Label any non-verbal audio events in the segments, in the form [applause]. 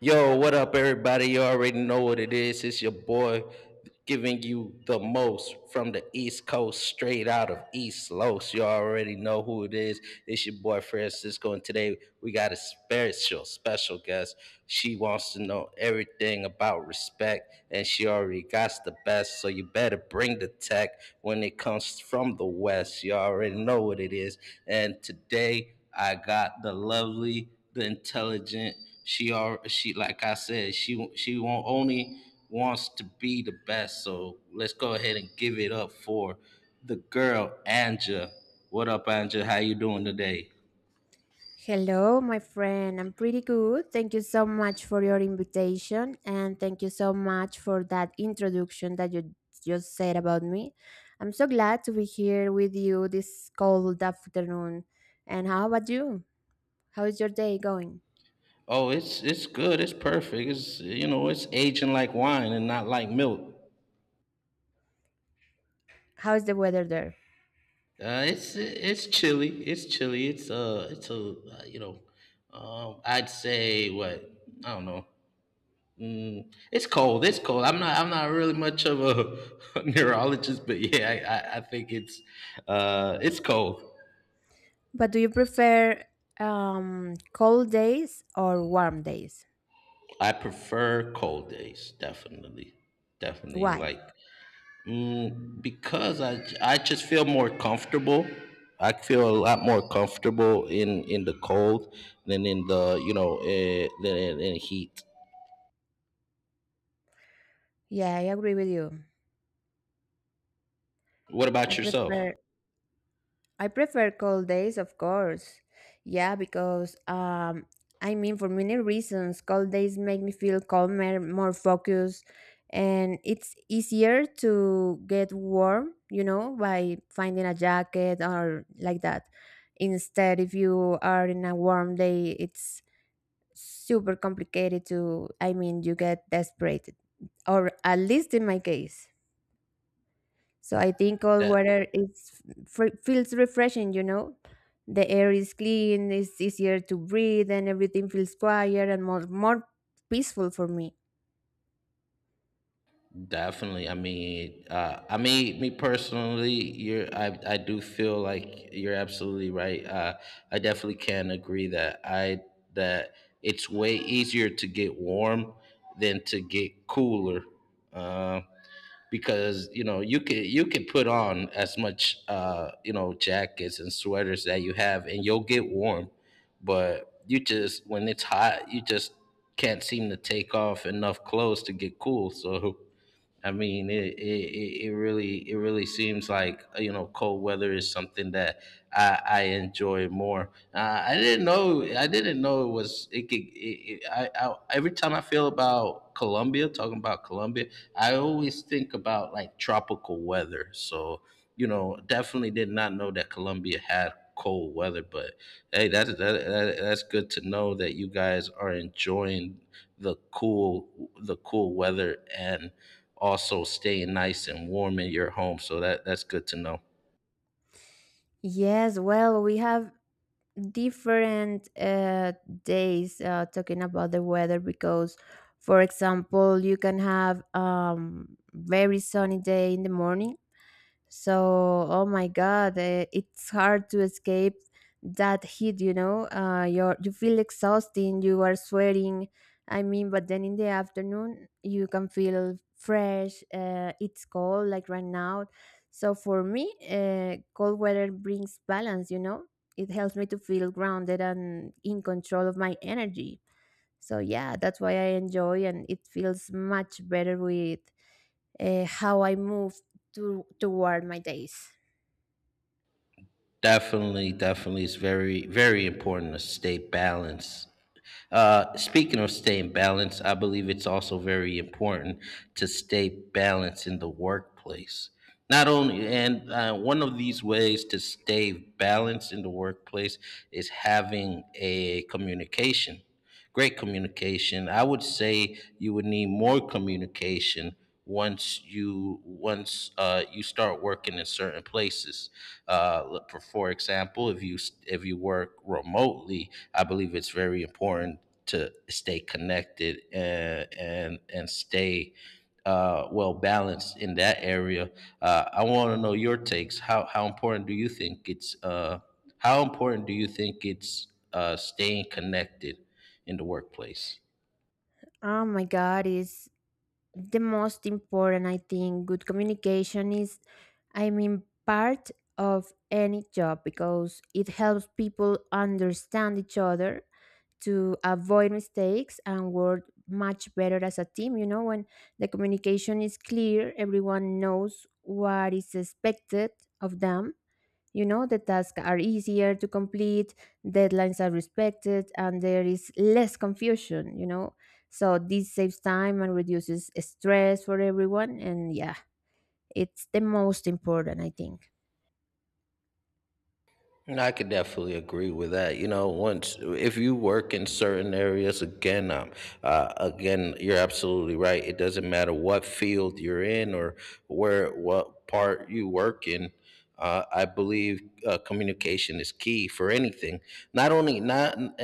Yo, what up, everybody? You already know what it is. It's your boy giving you the most from the East Coast, straight out of East Los. You already know who it is. It's your boy Francisco, and today we got a special, special guest. She wants to know everything about respect, and she already got the best. So you better bring the tech when it comes from the West. You already know what it is. And today I got the lovely, the intelligent. She like I said, she won't only wants to be the best. So let's go ahead and give it up for the girl Anja. What up, Anja? How you doing today? Hello, my friend. I'm pretty good. Thank you so much for your invitation and thank you so much for that introduction that you just said about me. I'm so glad to be here with you this cold afternoon. And how about you? How is your day going? Oh, it's good. It's perfect. It's you know it's aging like wine and not like milk. How is the weather there? It's chilly. It's chilly. It's a I'd say what. I don't know. It's cold. It's cold. I'm not. I'm not really much of a [laughs] neurologist, but yeah, I think it's cold. But do you prefer cold days or warm days? I prefer cold days, definitely, definitely. Why? Like mm, because I just feel more comfortable. I feel a lot more comfortable in the cold than in the you know than in heat. Yeah, I agree with you. What I about yourself? prefer I prefer cold days, of course. Yeah, because I mean, for many reasons, cold days make me feel calmer, more focused, and it's easier to get warm, by finding a jacket or like that. Instead, if you are in a warm day, it's super complicated to, I mean, you get desperate, or at least in my case. So I think cold water is f feels refreshing. You know. The air is clean, it's easier to breathe, and everything feels quieter and more peaceful for me. Definitely. I mean, me personally, you're. I do feel like you're absolutely right. I definitely can agree that it's way easier to get warm than to get cooler, uh, because you know you can put on as much jackets and sweaters that you have, and you'll get warm, but you just when it's hot, you just can't seem to take off enough clothes to get cool. So. [laughs] I mean, it really seems like cold weather is something that I enjoy more. I didn't know it was it could. I every time I feel about Colombia, talking about Colombia, I always think about like tropical weather. So definitely did not know that Colombia had cold weather. But hey, that's good to know that you guys are enjoying the cool the cool weather and also staying nice and warm in your home, so that's good to know. Yes, well, we have different days talking about the weather because, for example, you can have very sunny day in the morning. So, oh my God, it's hard to escape that heat, you know. You feel exhausting, you are sweating. I mean, but then in the afternoon, you can feel fresh. It's cold, like right now. So, for me, cold weather brings balance. It helps me to feel grounded and in control of my energy. So yeah, that's why I enjoy, and it feels much better with how I move toward my days. Definitely, definitely, it's very very important to stay balanced. Speaking of staying balanced, I believe it's also very important to stay balanced in the workplace. Not only, and one of these ways to stay balanced in the workplace is having a communication. Great communication. I would say you would need more communication once you start working in certain places. Look for example, if you work remotely, I believe it's very important to stay connected and stay well balanced in that area. I want to know your takes. How important do you think it's how important do you think it's staying connected in the workplace. Oh my God, it's the most important. I think good communication is, I mean, part of any job because it helps people understand each other, to avoid mistakes and work much better as a team. When the communication is clear, everyone knows what is expected of them. The tasks are easier to complete, deadlines are respected, and there is less confusion. So this saves time and reduces stress for everyone. And yeah, it's the most important, I think. And I could definitely agree with that. You know, once if you work in certain areas, again, you're absolutely right. It doesn't matter what field you're in or where what part you work in. I believe communication is key for anything. Not only not and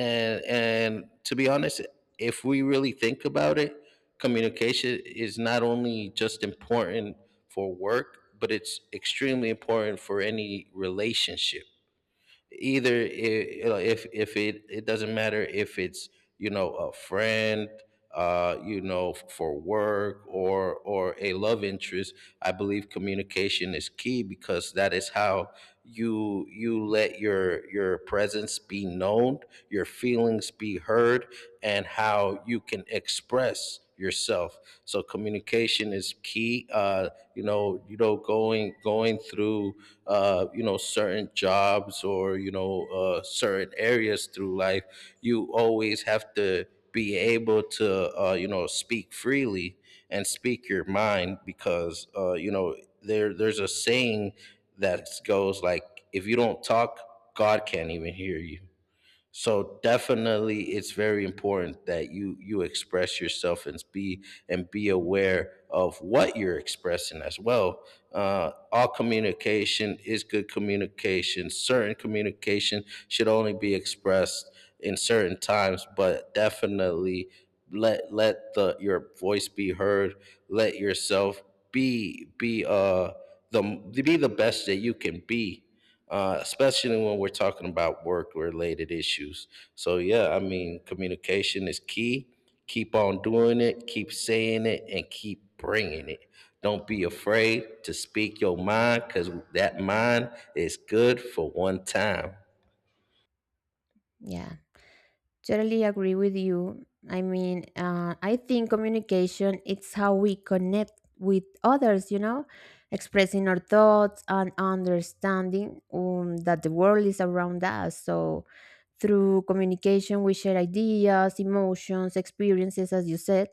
and to be honest, if we really think about it, communication is not only just important for work, but it's extremely important for any relationship, either I- you know, if it doesn't matter if it's a friend, for work, or a love interest. I believe communication is key because that is how you let your presence be known, your feelings be heard, and how you can express yourself. So communication is key. Going through certain jobs or certain areas through life, you always have to be able to speak freely and speak your mind, because there's a saying that goes like, if you don't talk, God can't even hear you. So definitely it's very important that you express yourself and be aware of what you're expressing as well. All communication is good communication. Certain communication should only be expressed in certain times, but definitely let the your voice be heard. Let yourself be be uh the be the best that you can be, especially when we're talking about work related issues. So, yeah, I mean, communication is key. Keep on doing it, keep saying it, and keep bringing it. Don't be afraid to speak your mind because that mind is good for one time. Yeah. Totally agree with you. I mean, I think communication it's how we connect with others. You know, expressing our thoughts and understanding that the world is around us. So, through communication, we share ideas, emotions, experiences, as you said.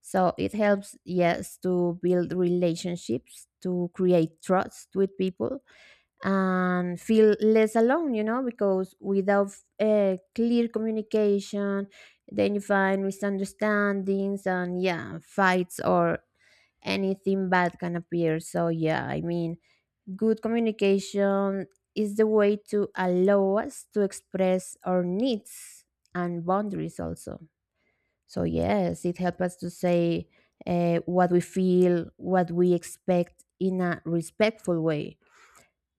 So it helps, yes, to build relationships, to create trust with people, and feel less alone, because without clear communication, then you find misunderstandings and yeah, fights or anything bad can appear. So, yeah, I mean, good communication is the way to allow us to express our needs and boundaries also. So, yes, it helps us to say what we feel, what we expect in a respectful way.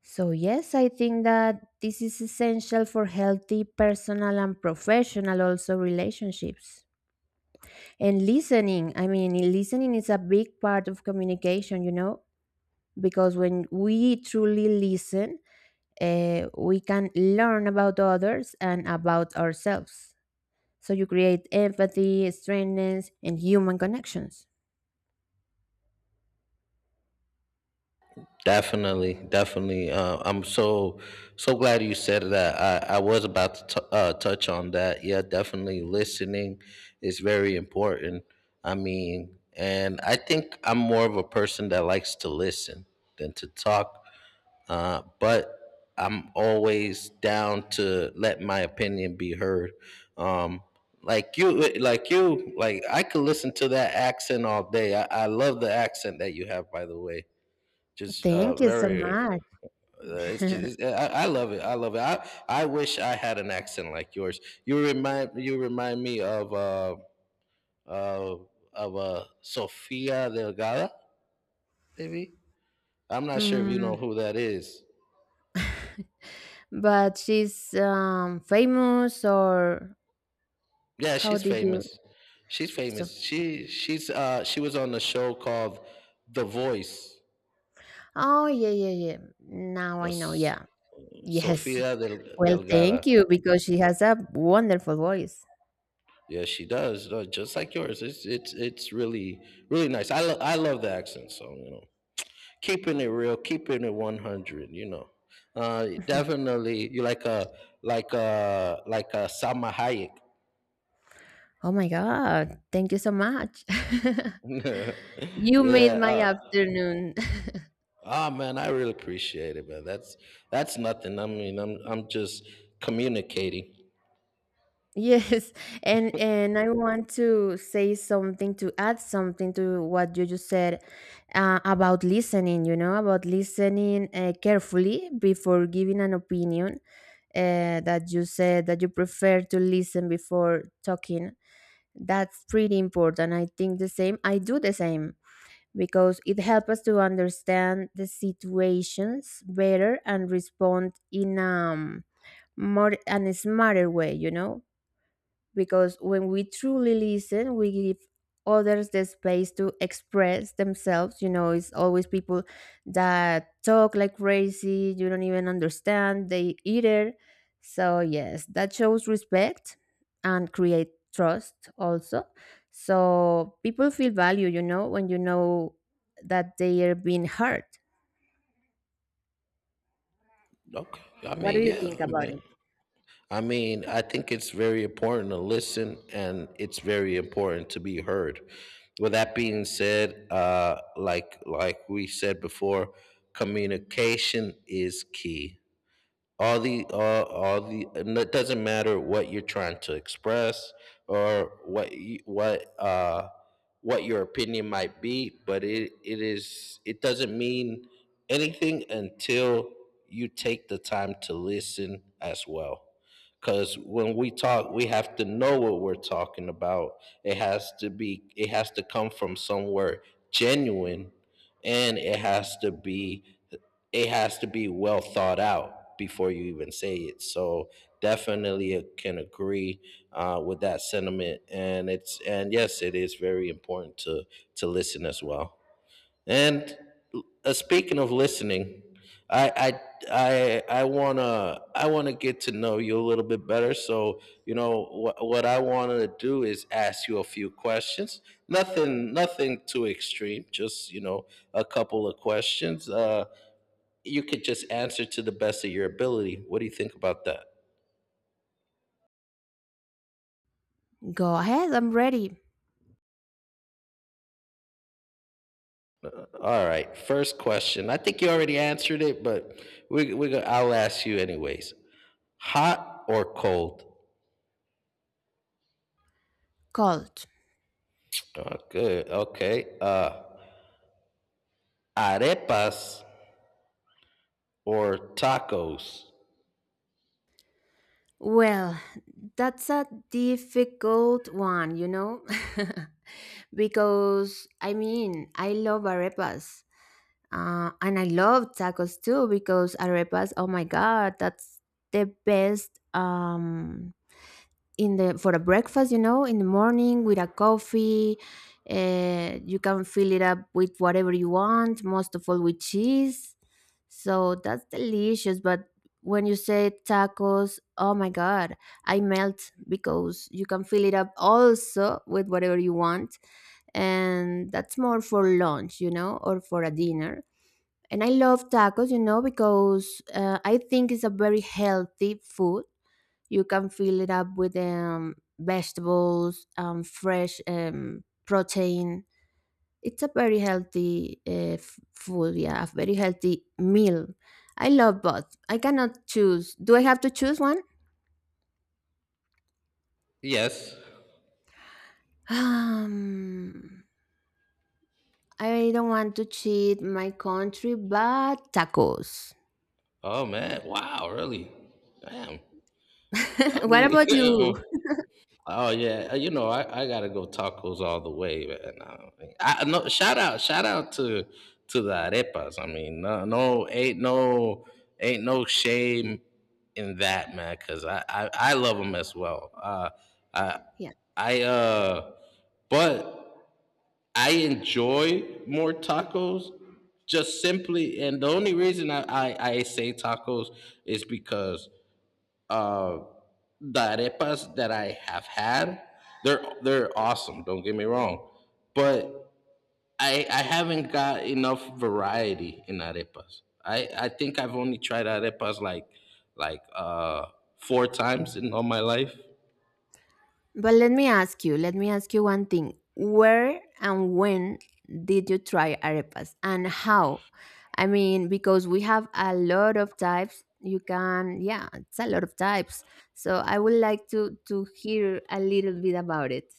So, yes, I think that this is essential for healthy personal and professional also relationships. And listening, I mean, listening is a big part of communication, because when we truly listen, we can learn about others and about ourselves. So, you create empathy, strengthens, and human connections. Definitely, definitely. I'm so glad you said that. I was about to touch on that. Yeah, definitely. Listening is very important. I mean, and I think I'm more of a person that likes to listen than to talk. But I'm always down to let my opinion be heard. Um, like you, like I could listen to that accent all day. I love the accent that you have, by the way, just Thank you so very much. It's [laughs] just it's, I love it, I love it. I wish I had an accent like yours. You remind me of uh, of Sofia Delgada, maybe. I'm not sure if you know Mm, who that is. but she's famous or... Yeah, How she's did you? famous. She's So, famous. She she was on a show called the voice. oh yeah, yeah, yeah. Now No, I know. S- Yeah, [laughs] yes. sofia Del, Well, delgada thank you because she has a wonderful voice. Yeah, she does. Just like yours. It's really really nice. I love the accent. So, keeping it real, keeping it 100. You know, [laughs] definitely. You like a Sama Hayek. Oh my God! Thank you so much. [laughs] [laughs] You yeah. made my afternoon. [laughs] Ah, man, I really appreciate it, man. That's nothing. I mean, I'm just communicating. Yes, [laughs] and I want to say something to add something to what you just said about listening. You know, about listening carefully before giving an opinion. That you said that you prefer to listen before talking. That's pretty important. I think the same. I do the same because it helps us to understand the situations better and respond in more and a smarter way. You know, because when we truly listen, we give others the space to express themselves. You know, it's always people that talk like crazy, you don't even understand, they either. So, yes, that shows respect and create trust also. So, people feel value, when you know that they are being heard. Okay. I What do mean, you yeah. think about it? I think it's very important to listen and it's very important to be heard. With that being said, like we said before, communication is key, all the and it doesn't matter what you're trying to express, or what your opinion might be, but it doesn't mean anything until you take the time to listen as well, because when we talk we have to know what we're talking about. It has to come from somewhere genuine, and it has to be well thought out before you even say it. So definitely can agree with that sentiment. And yes, it is very important to listen as well. And speaking of listening, I I I wanna get to know you a little bit better. So you know what I wanted to do is ask you a few questions. Nothing too extreme. Just a couple of questions. You could just answer to the best of your ability. What do you think about that? Go ahead, I'm ready. All right, first question. I think you already answered it, but I'll ask you anyways. Hot or cold? Cold. Oh, good. Okay. Arepas or tacos? Well, that's a difficult one, you know? [laughs] because, I mean, I love arepas. And I love tacos too, because arepas, oh my God, that's the best, in the for a breakfast, in the morning with a coffee. You can fill it up with whatever you want, most of all with cheese, so that's delicious. But when you say tacos, oh my god, I melt, because you can fill it up also with whatever you want, and that's more for lunch or for a dinner. And I love tacos, because I think it's a very healthy food. You can fill it up with vegetables, fresh protein. It's a very healthy food, yeah, a very healthy meal. I love both. I cannot choose. Do I have to choose one? Yes. Um, I don't want to cheat my country, but tacos. Oh man! Wow, really? Damn. [laughs] Got What me. about you? [laughs] Oh yeah. I gotta go tacos all the way, man. I no Shout out to the arepas. I mean, no, no, ain't no shame in that, man, because I love them as well. I I But I enjoy more tacos, just simply, and the only reason I say tacos is because. uh the arepas that I have had, they're awesome. Don't get me wrong, but I haven't got enough variety in arepas. I think I've only tried arepas like four times in all my life. But let me ask you one thing. Where and when did you try arepas and how? I mean, because we have a lot of types. You can, yeah, it's a lot of types. So I would like to hear a little bit about it.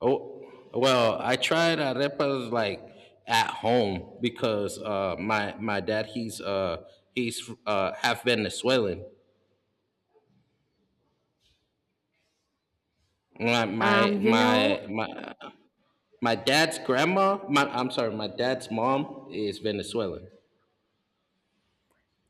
Oh well, I tried arepas like at home because my dad he's half Venezuelan. My my Um, you know, my my My dad's grandma, my I'm sorry, my dad's mom is Venezuelan.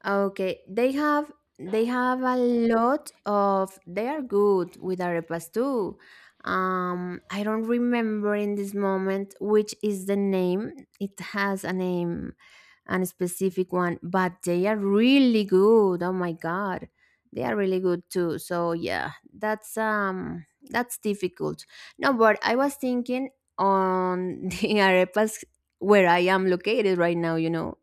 okay, they have a lot of they are good with arepas too. I don't remember in this moment which is the name. It has a name, and specific one, but they are really good. Oh my god, they are really good too. So yeah, that's difficult. No, but I was thinking on [laughs] the arepas where I am located right now. You know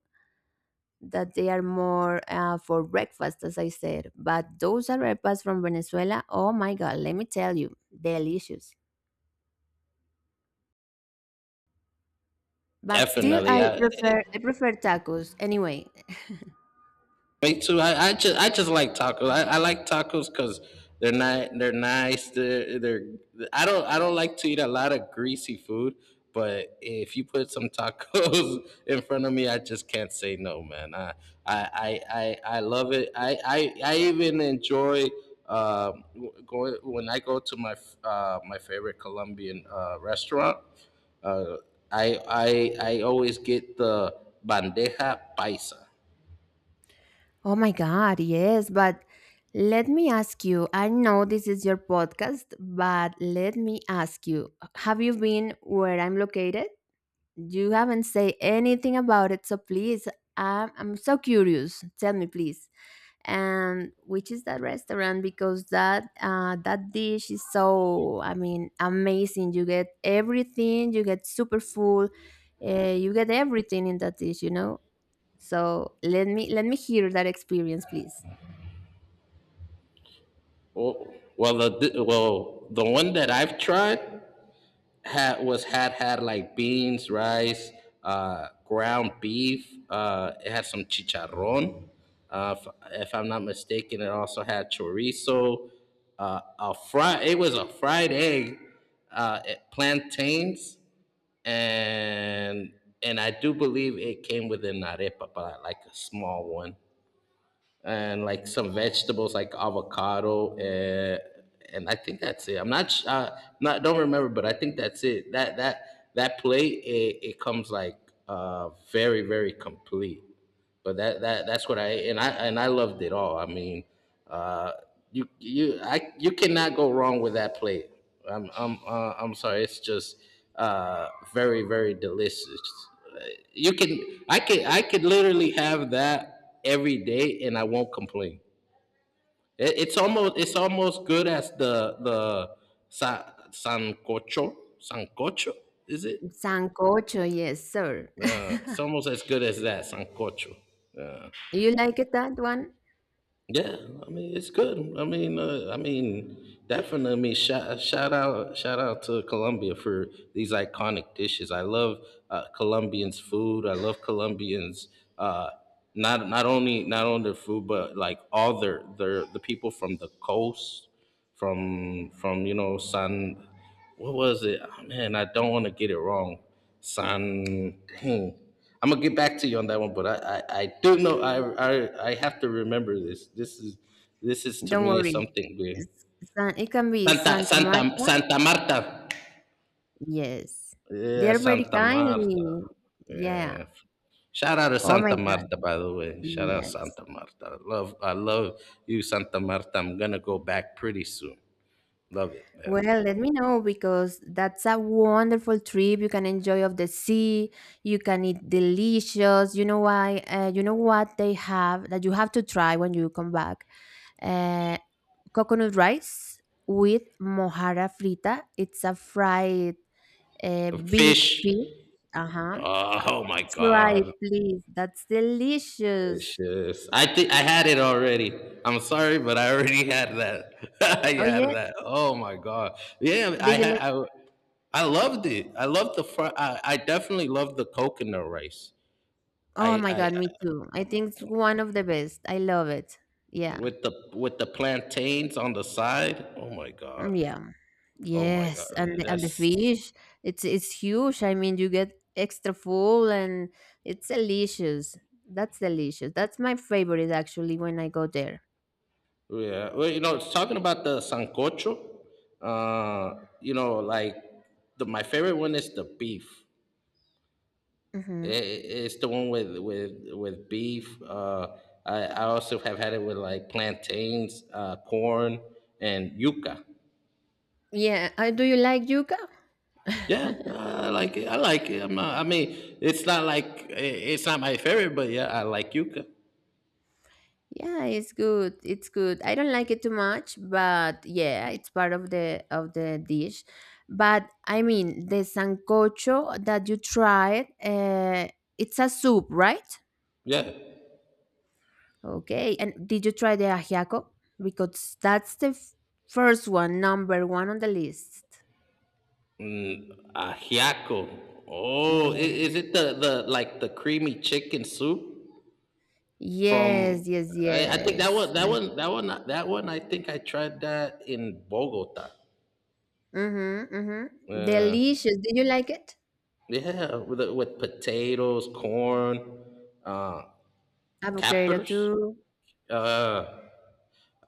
that they are more for breakfast, as I said. But those arepas from Venezuela, oh my god, let me tell you, delicious. But still, Definitely, I prefer I prefer tacos. Anyway... me too. I just like tacos. I like tacos because they're not, they're nice. They're I don't like to eat a lot of greasy food, but if you put some tacos [laughs] in front of me, I just can't say no, man. I love it. I even enjoy um, going, when I go to my favorite Colombian restaurant. Uh, I always get the bandeja paisa. Oh my God, yes, but let me ask you. I know this is your podcast, but let me ask you, have you been where I'm located? You haven't said anything about it, so please, I'm so curious. Tell me, please. And which is that restaurant? Because that dish is so, I mean, amazing. You get everything, you get super full, you get everything in that dish, you know? So let me hear that experience, please. Well, the one that I've tried had was had had like beans, rice, ground beef. It had some chicharrón. Uh, if I'm not mistaken, it also had chorizo. A fry. It was a fried egg, plantains, and and I do believe it came with an arepa, but like a small one and like some vegetables like avocado, and I think that's it. I'm not sh- not don't remember, but I think that's it. That plate, it comes like, very complete. But that's what I loved it all. I mean, uh, you cannot go wrong with that plate. I'm sorry. It's just very delicious. You can I could literally have that every day and I won't complain. It's almost good as the sa, sancocho sancocho, is it? Sancocho, yes, sir. [laughs] It's almost as good as that sancocho. You like it that one? Yeah, I mean it's good. I mean, definitely. I mean, shout out to Colombia for these iconic dishes. I love Colombians' food. I love Colombians. Uh, not only their food, but like all the people from the coast, from you know, San, what was it? Ah, man, I don't want to get it wrong. San, dang. I'm gonna get back to you on that one, but I do know, I have to remember this. This is, to Don't me, is worry. something weird. S- it can be Santa Santa Santa Marta. Santa Marta. Yes. They Yeah, are very Santa Marta. kindly. Yeah. Yeah. Shout out to Oh my Santa Marta, God. by the way. Shout out Yes. Santa Marta. I love you, Santa Marta. I'm gonna go back pretty soon. Love it, man. Well, let me know because that's a wonderful trip. You can enjoy of the sea. You can eat delicious. You know why? You know what they have that you have to try when you come back. Uh, Coconut rice with mojarra frita. It's a fried big Fish. fish. Uh huh. Oh my Try it, God. please. That's It's delicious. just I think I had it already. I'm sorry, but I already had that. [laughs] I Oh had yeah. that. Oh my God. Yeah, I Did you had like? I I loved it. I definitely loved the coconut rice. Oh my I God, me too. I think it's one of the best. I love it. Yeah. With the plantains on the side. Oh my God. Mm, yeah. Oh my God. Yes, and the That's fish, it's huge. I mean, you get extra full and it's delicious. That's delicious. That's my favorite actually when I go there. Yeah. Well, it's talking about the sancocho. Like the my favorite one is the beef. I- Hmm. i- it's the one with beef. I also have had it with like plantains, corn, and yuca. Yeah. Do you like yuca? Yeah, [laughs] I like it. I like it. I'm not, I mean, it's not like, it's not my favorite, but yeah, I like yuca. Yeah, it's good. It's good. I don't like it too much, but yeah, it's part of the dish. But I mean, the sancocho that you tried, it's a soup, right? Yeah, Okay. And did you try the ajiaco? Because that's the first one, number one on the list. ajiaco. Oh, Yeah. is it the like the creamy chicken soup from? Yes, yes, I think that yes. one, that My. one, that one, that one. I think I tried that in Bogota. Mm-hmm, mm-hmm. Yeah. Delicious. Did you like it? Yeah, with potatoes, corn, uh, Avocado cappers. too. Uh,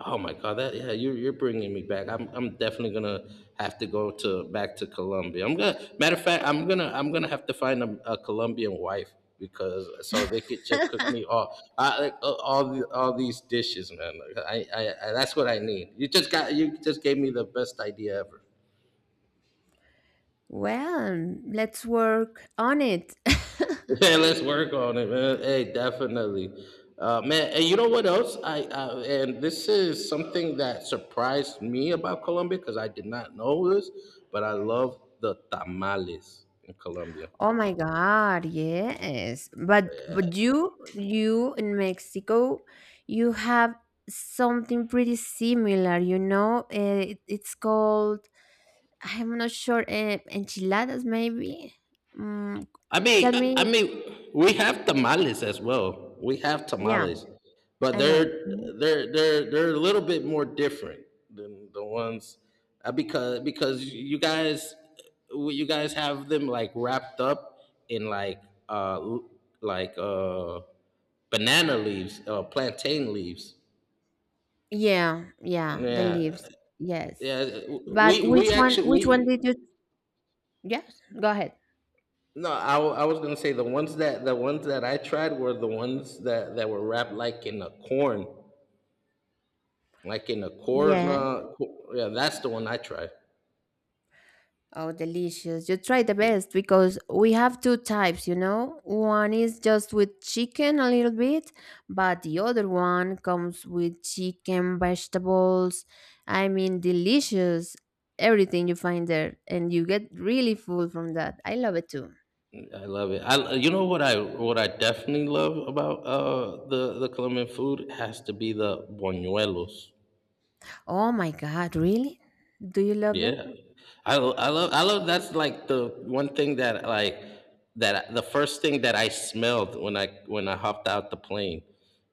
oh my God, that yeah, you're bringing me back. I'm definitely gonna have to go to back to Colombia. I'm gonna Matter of fact, I'm gonna have to find a Colombian wife, because so they could just cook me like, all these dishes, man. Like, I that's what I need. You just gave me the best idea ever. Well, let's work on it. [laughs] [laughs] Yeah, let's work on it, man. Hey, definitely, man. And you know what else? I And this is something that surprised me about Colombia, because I did not know this, but I love the tamales in Colombia. Oh my God, yes. But you in Mexico, you have something pretty similar, you know? It's called, I'm not sure, enchiladas maybe. Mm, I tell mean, me. We have tamales as well. We have Yeah, tamales, but I know. they're Mhm. they're they're they're a little bit more different than the ones, because you guys have them like wrapped up in like, uh l- like uh banana leaves, plantain leaves. Yeah, yeah, the Yeah, leaves. Yes. yeah. But We which we one actually which one we did you... Yes, go ahead. no, I was gonna say, the ones that I tried were the ones that were wrapped like in a corn, like in a corn. Yeah. Yeah, that's the one I tried. Oh, delicious. You try the best because we have two types, you know? One is just with chicken a little bit, but the other one comes with chicken, vegetables. I mean, delicious. Everything you find there, and you get really full from that. I love it too. I love it. I, you know what, I definitely love about the Colombian food has to be the buñuelos. Oh my God, really? Do you love them? Yeah. I love, that's like the one thing, that like that the first thing that I smelled when I hopped out the plane.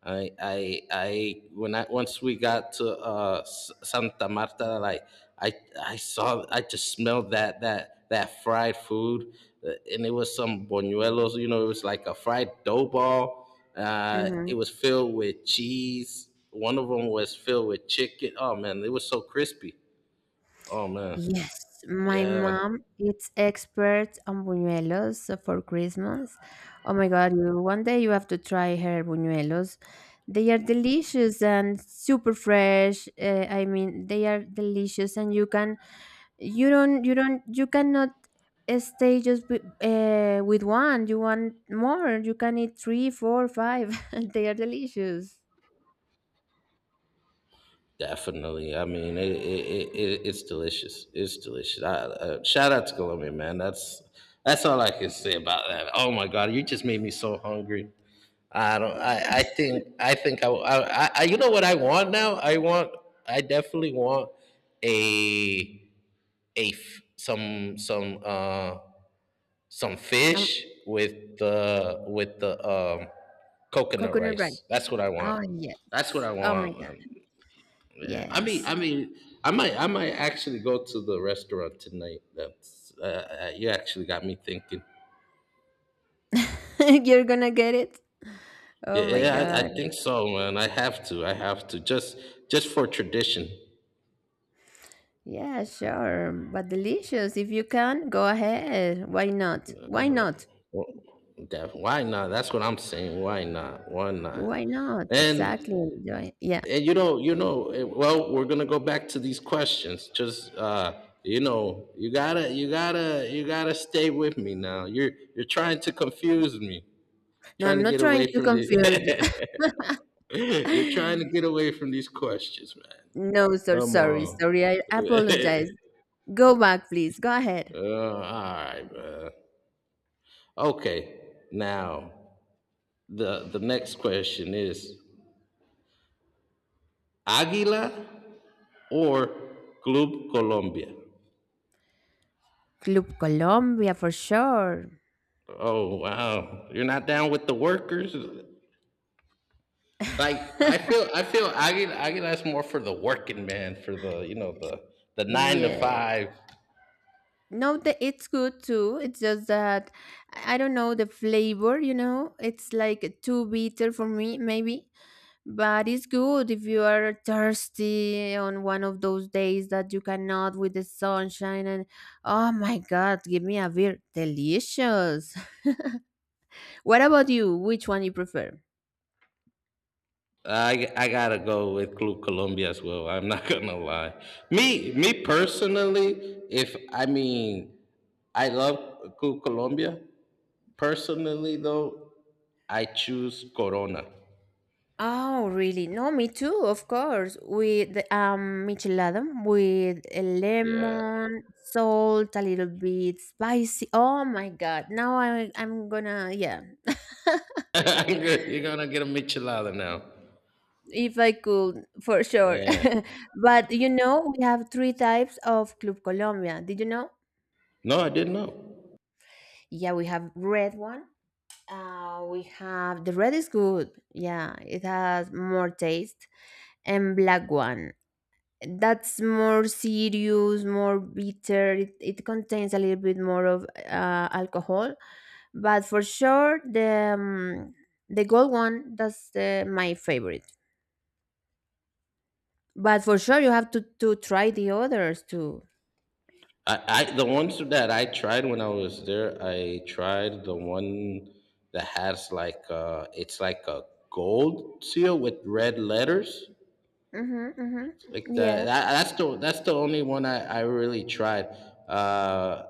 I when I Once we got to Santa Marta, like I I just smelled that fried food, and it was some boñuelos, it was like a fried dough ball. It Mhm. was filled with cheese. One of them was filled with chicken. Oh man, it was so crispy. Oh man. Yes, my Yeah, mom is expert on buñuelos for Christmas. Oh my God, one day you have to try her buñuelos. They are delicious and super fresh. I mean, they are delicious, and you can, you don't, you cannot stay just with one. You want more. You can eat three, four, five. [laughs] They are delicious. definitely. I mean, it's delicious. It's delicious. Shout out to Colombia, man. That's all I can say about that. Oh my God, you just made me so hungry. I don't. I think. I think. I. You know what I want now? I want. I definitely want a a f- some Um, fish with the coconut Coconut rice. rice. That's what I want. Oh That's what yes. I Oh my want, God. man. I mean, Yes. I mean, I might actually go to the restaurant tonight. That's You actually got me thinking. [laughs] You're gonna get it. Yeah, Oh my yeah, I god. think so, man. I have to, just for tradition. Yeah, sure. But delicious. If you can, go ahead. Why not? Why not? Well, why not? That's what I'm saying. Why not? Why not? Why not? And Exactly. Yeah. and well, we're gonna go back to these questions. Just you gotta stay with me now. You're trying to confuse me, No, trying I'm to not get trying away to from confuse you. the. [laughs] [laughs] You're trying to [laughs] get away from these questions, man. No, so Come sorry. on. Sorry. I [laughs] apologize. Go back, please. Go ahead. All right, man. Okay. Now the next question is Águila or Club Colombia. Club Colombia for sure. Oh wow, you're not down with the workers. Like, [laughs] I feel Águila is more for the working man, for the, the nine to Yeah. five. No, the, it's good too. It's just that I don't know the flavor, you know? It's like too bitter for me, maybe. But it's good if you are thirsty on one of those days that you cannot with the sunshine and oh my god, give me a beer. Delicious. [laughs] What about you? Which one you prefer? I gotta go with Club Colombia as well. I'm not [laughs] gonna lie. Me personally, if I mean, I love Club Colombia. Personally though, I choose Corona. Oh, really? No, me too, of course. With michelada with a Yeah, lemon, salt, a little bit spicy. Oh my god. Now I'm gonna yeah. [laughs] you're gonna get a michelada now. If I could, for sure. Yeah. [laughs] But you know, we have three types of Club Colombia. Did you know? No, I didn't know. Yeah, we have red one. We have the red is good. Yeah, it has more taste. And black one. That's more serious, more bitter. It contains a little bit more of alcohol. But for sure, the gold one, that's my favorite. But for sure, you have to try the others too. I The ones that I tried when I was there, I tried the one that has like, it's like a gold seal with red letters. Mm-hmm, mm-hmm. Like that, Yeah, that's the only one I really tried. Uh,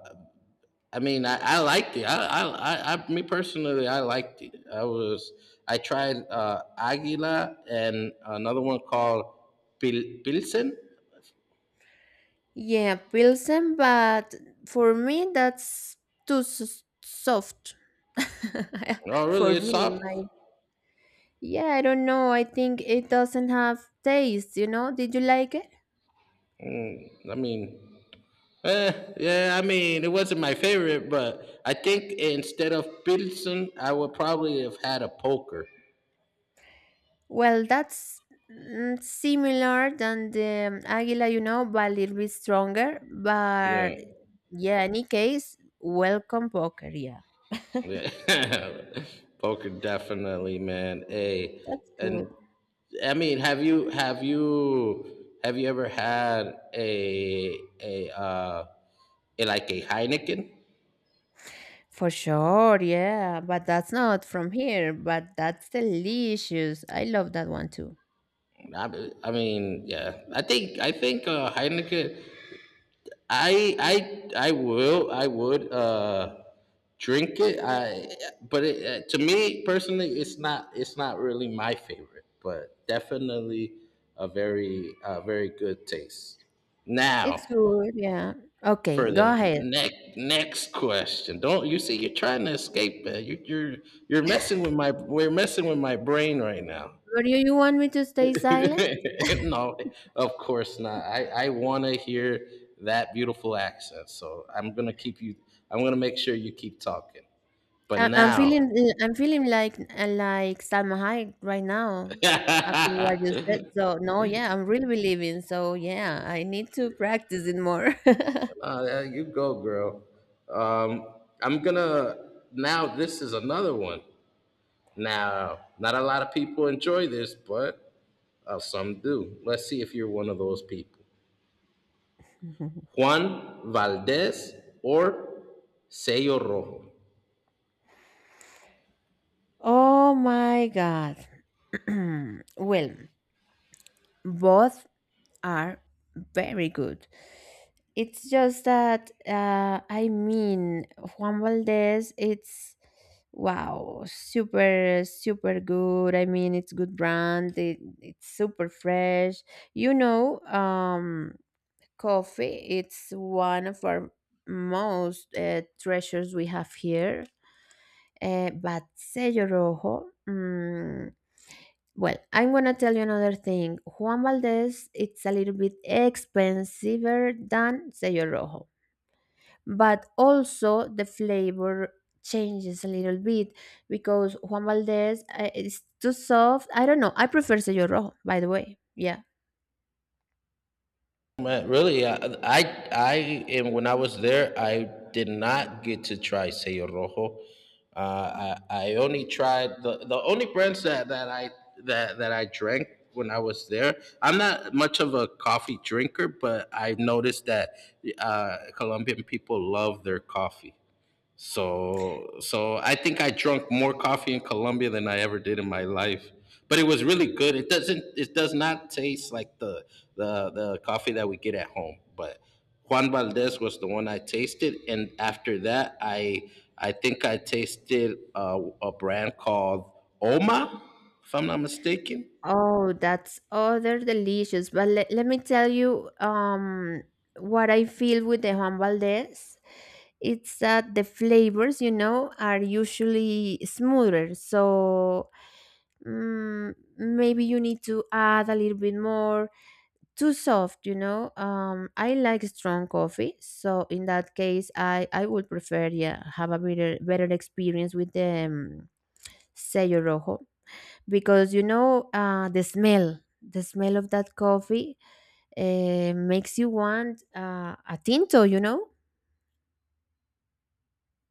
I mean, I liked it. Me personally, I liked it. I tried Aguila and another one called Pilsen. yeah, Pilsen, but for me that's too soft. [laughs] Oh, For really? It's me, soft. my yeah, I don't know. I think it doesn't have taste, you know? Did you like it? Mm, I mean, eh, yeah. I mean, it wasn't my favorite, but I think instead of Pilsen, I would probably have had a poker. Well, that's mm, similar than the Aguila, you know, but a little bit stronger. Yeah. But yeah, any case, welcome poker, yeah. Yeah. [laughs] Poker definitely, man. Hey, That's and good. I mean, have you ever had like a Heineken? For sure, yeah, but that's not from here, but that's delicious. I love that one too. I mean, yeah. I think Heineken. I I will I would drink it. I But to me personally, it's not really my favorite, but definitely a very, very good taste. Now It's good, yeah. Okay, for go the ahead. next question, don't you see you're trying to escape, man? You're messing with my we're messing with my brain right now. But you want me to stay silent? [laughs] No, of course not. I want to hear that beautiful accent. So I'm going to keep you. I'm going to make sure you keep talking. But I, I'm now, feeling, I'm feeling like Salma Hayek right now after what you [laughs] said. So no, yeah, I'm really believing. So yeah, I need to practice it more. You go, girl. Um, I'm going to, Now this is another one. Now, not a lot of people enjoy this, but some do. Let's see if you're one of those people. [laughs] Juan Valdez or Sello Rojo. Oh my God. [clears throat] Well, both are very good. It's just that I mean Juan Valdez. It's wow, super super good. I mean, it's good brand. It's super fresh. You know, coffee. It's one of our most treasures we have here. But Sello Rojo. Mm, well, I'm gonna tell you another thing. Juan Valdez, it's a little bit expensiver than Sello Rojo, but also the flavor changes a little bit because Juan Valdez is too soft. I don't know. I prefer Sello Rojo, by the way. Yeah. Man, really, I, I, and when I was there, I did not get to try Sello Rojo. I only tried the only brands, that I drank when I was there. I'm not much of a coffee drinker, but I've noticed that, Colombian people love their coffee. So I think I drank more coffee in Colombia than I ever did in my life. But it was really good. It does not taste like the coffee that we get at home. But Juan Valdez was the one I tasted, and after that I think I tasted a brand called Oma, if I'm not mistaken. Oh, that's other delicious. But let me tell you what I feel with the Juan Valdez. It's that the flavors, you know, are usually smoother. So mm, maybe you need to add a little bit more too soft, you know? I like strong coffee, so in that case I would prefer, yeah, have a better experience with the Sello Rojo because you know the smell of that coffee makes you want a tinto, you know?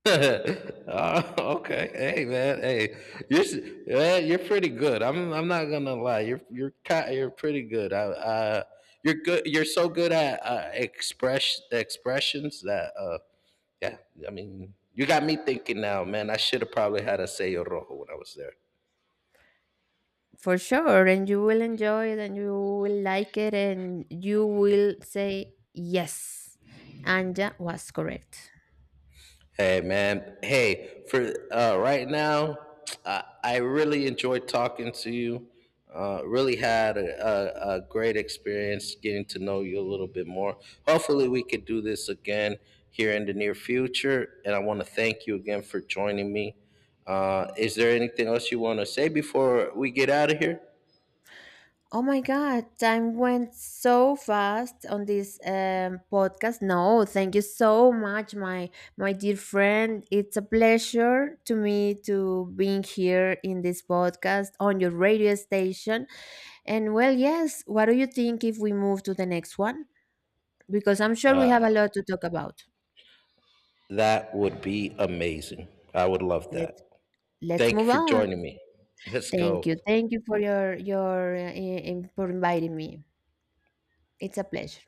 [laughs] Okay. Hey, man. Hey, you're s- yeah, you're pretty good. I'm not gonna lie. You're pretty good. You're good. You're so good at, expressions that, yeah. I mean, you got me thinking now, man. I should have probably had a Sello Rojo when I was there. For sure, and you will enjoy it and you will like it and you will say yes, Anja was correct. Hey man, hey for, right now, I really enjoyed talking to you. Really had a great experience getting to know you a little bit more. Hopefully, we could do this again here in the near future. And I want to thank you again for joining me. Is there anything else you want to say before we get out of here? Oh my God, time went so fast on this podcast. No, thank you so much, my dear friend. It's a pleasure to me to being here in this podcast on your radio station. And well, yes, what do you think if we move to the next one? Because I'm sure we have a lot to talk about. That would be amazing. I would love that. Let's let's Thank you move for on. joining me. Let's go. Thank you for your for inviting me. It's a pleasure.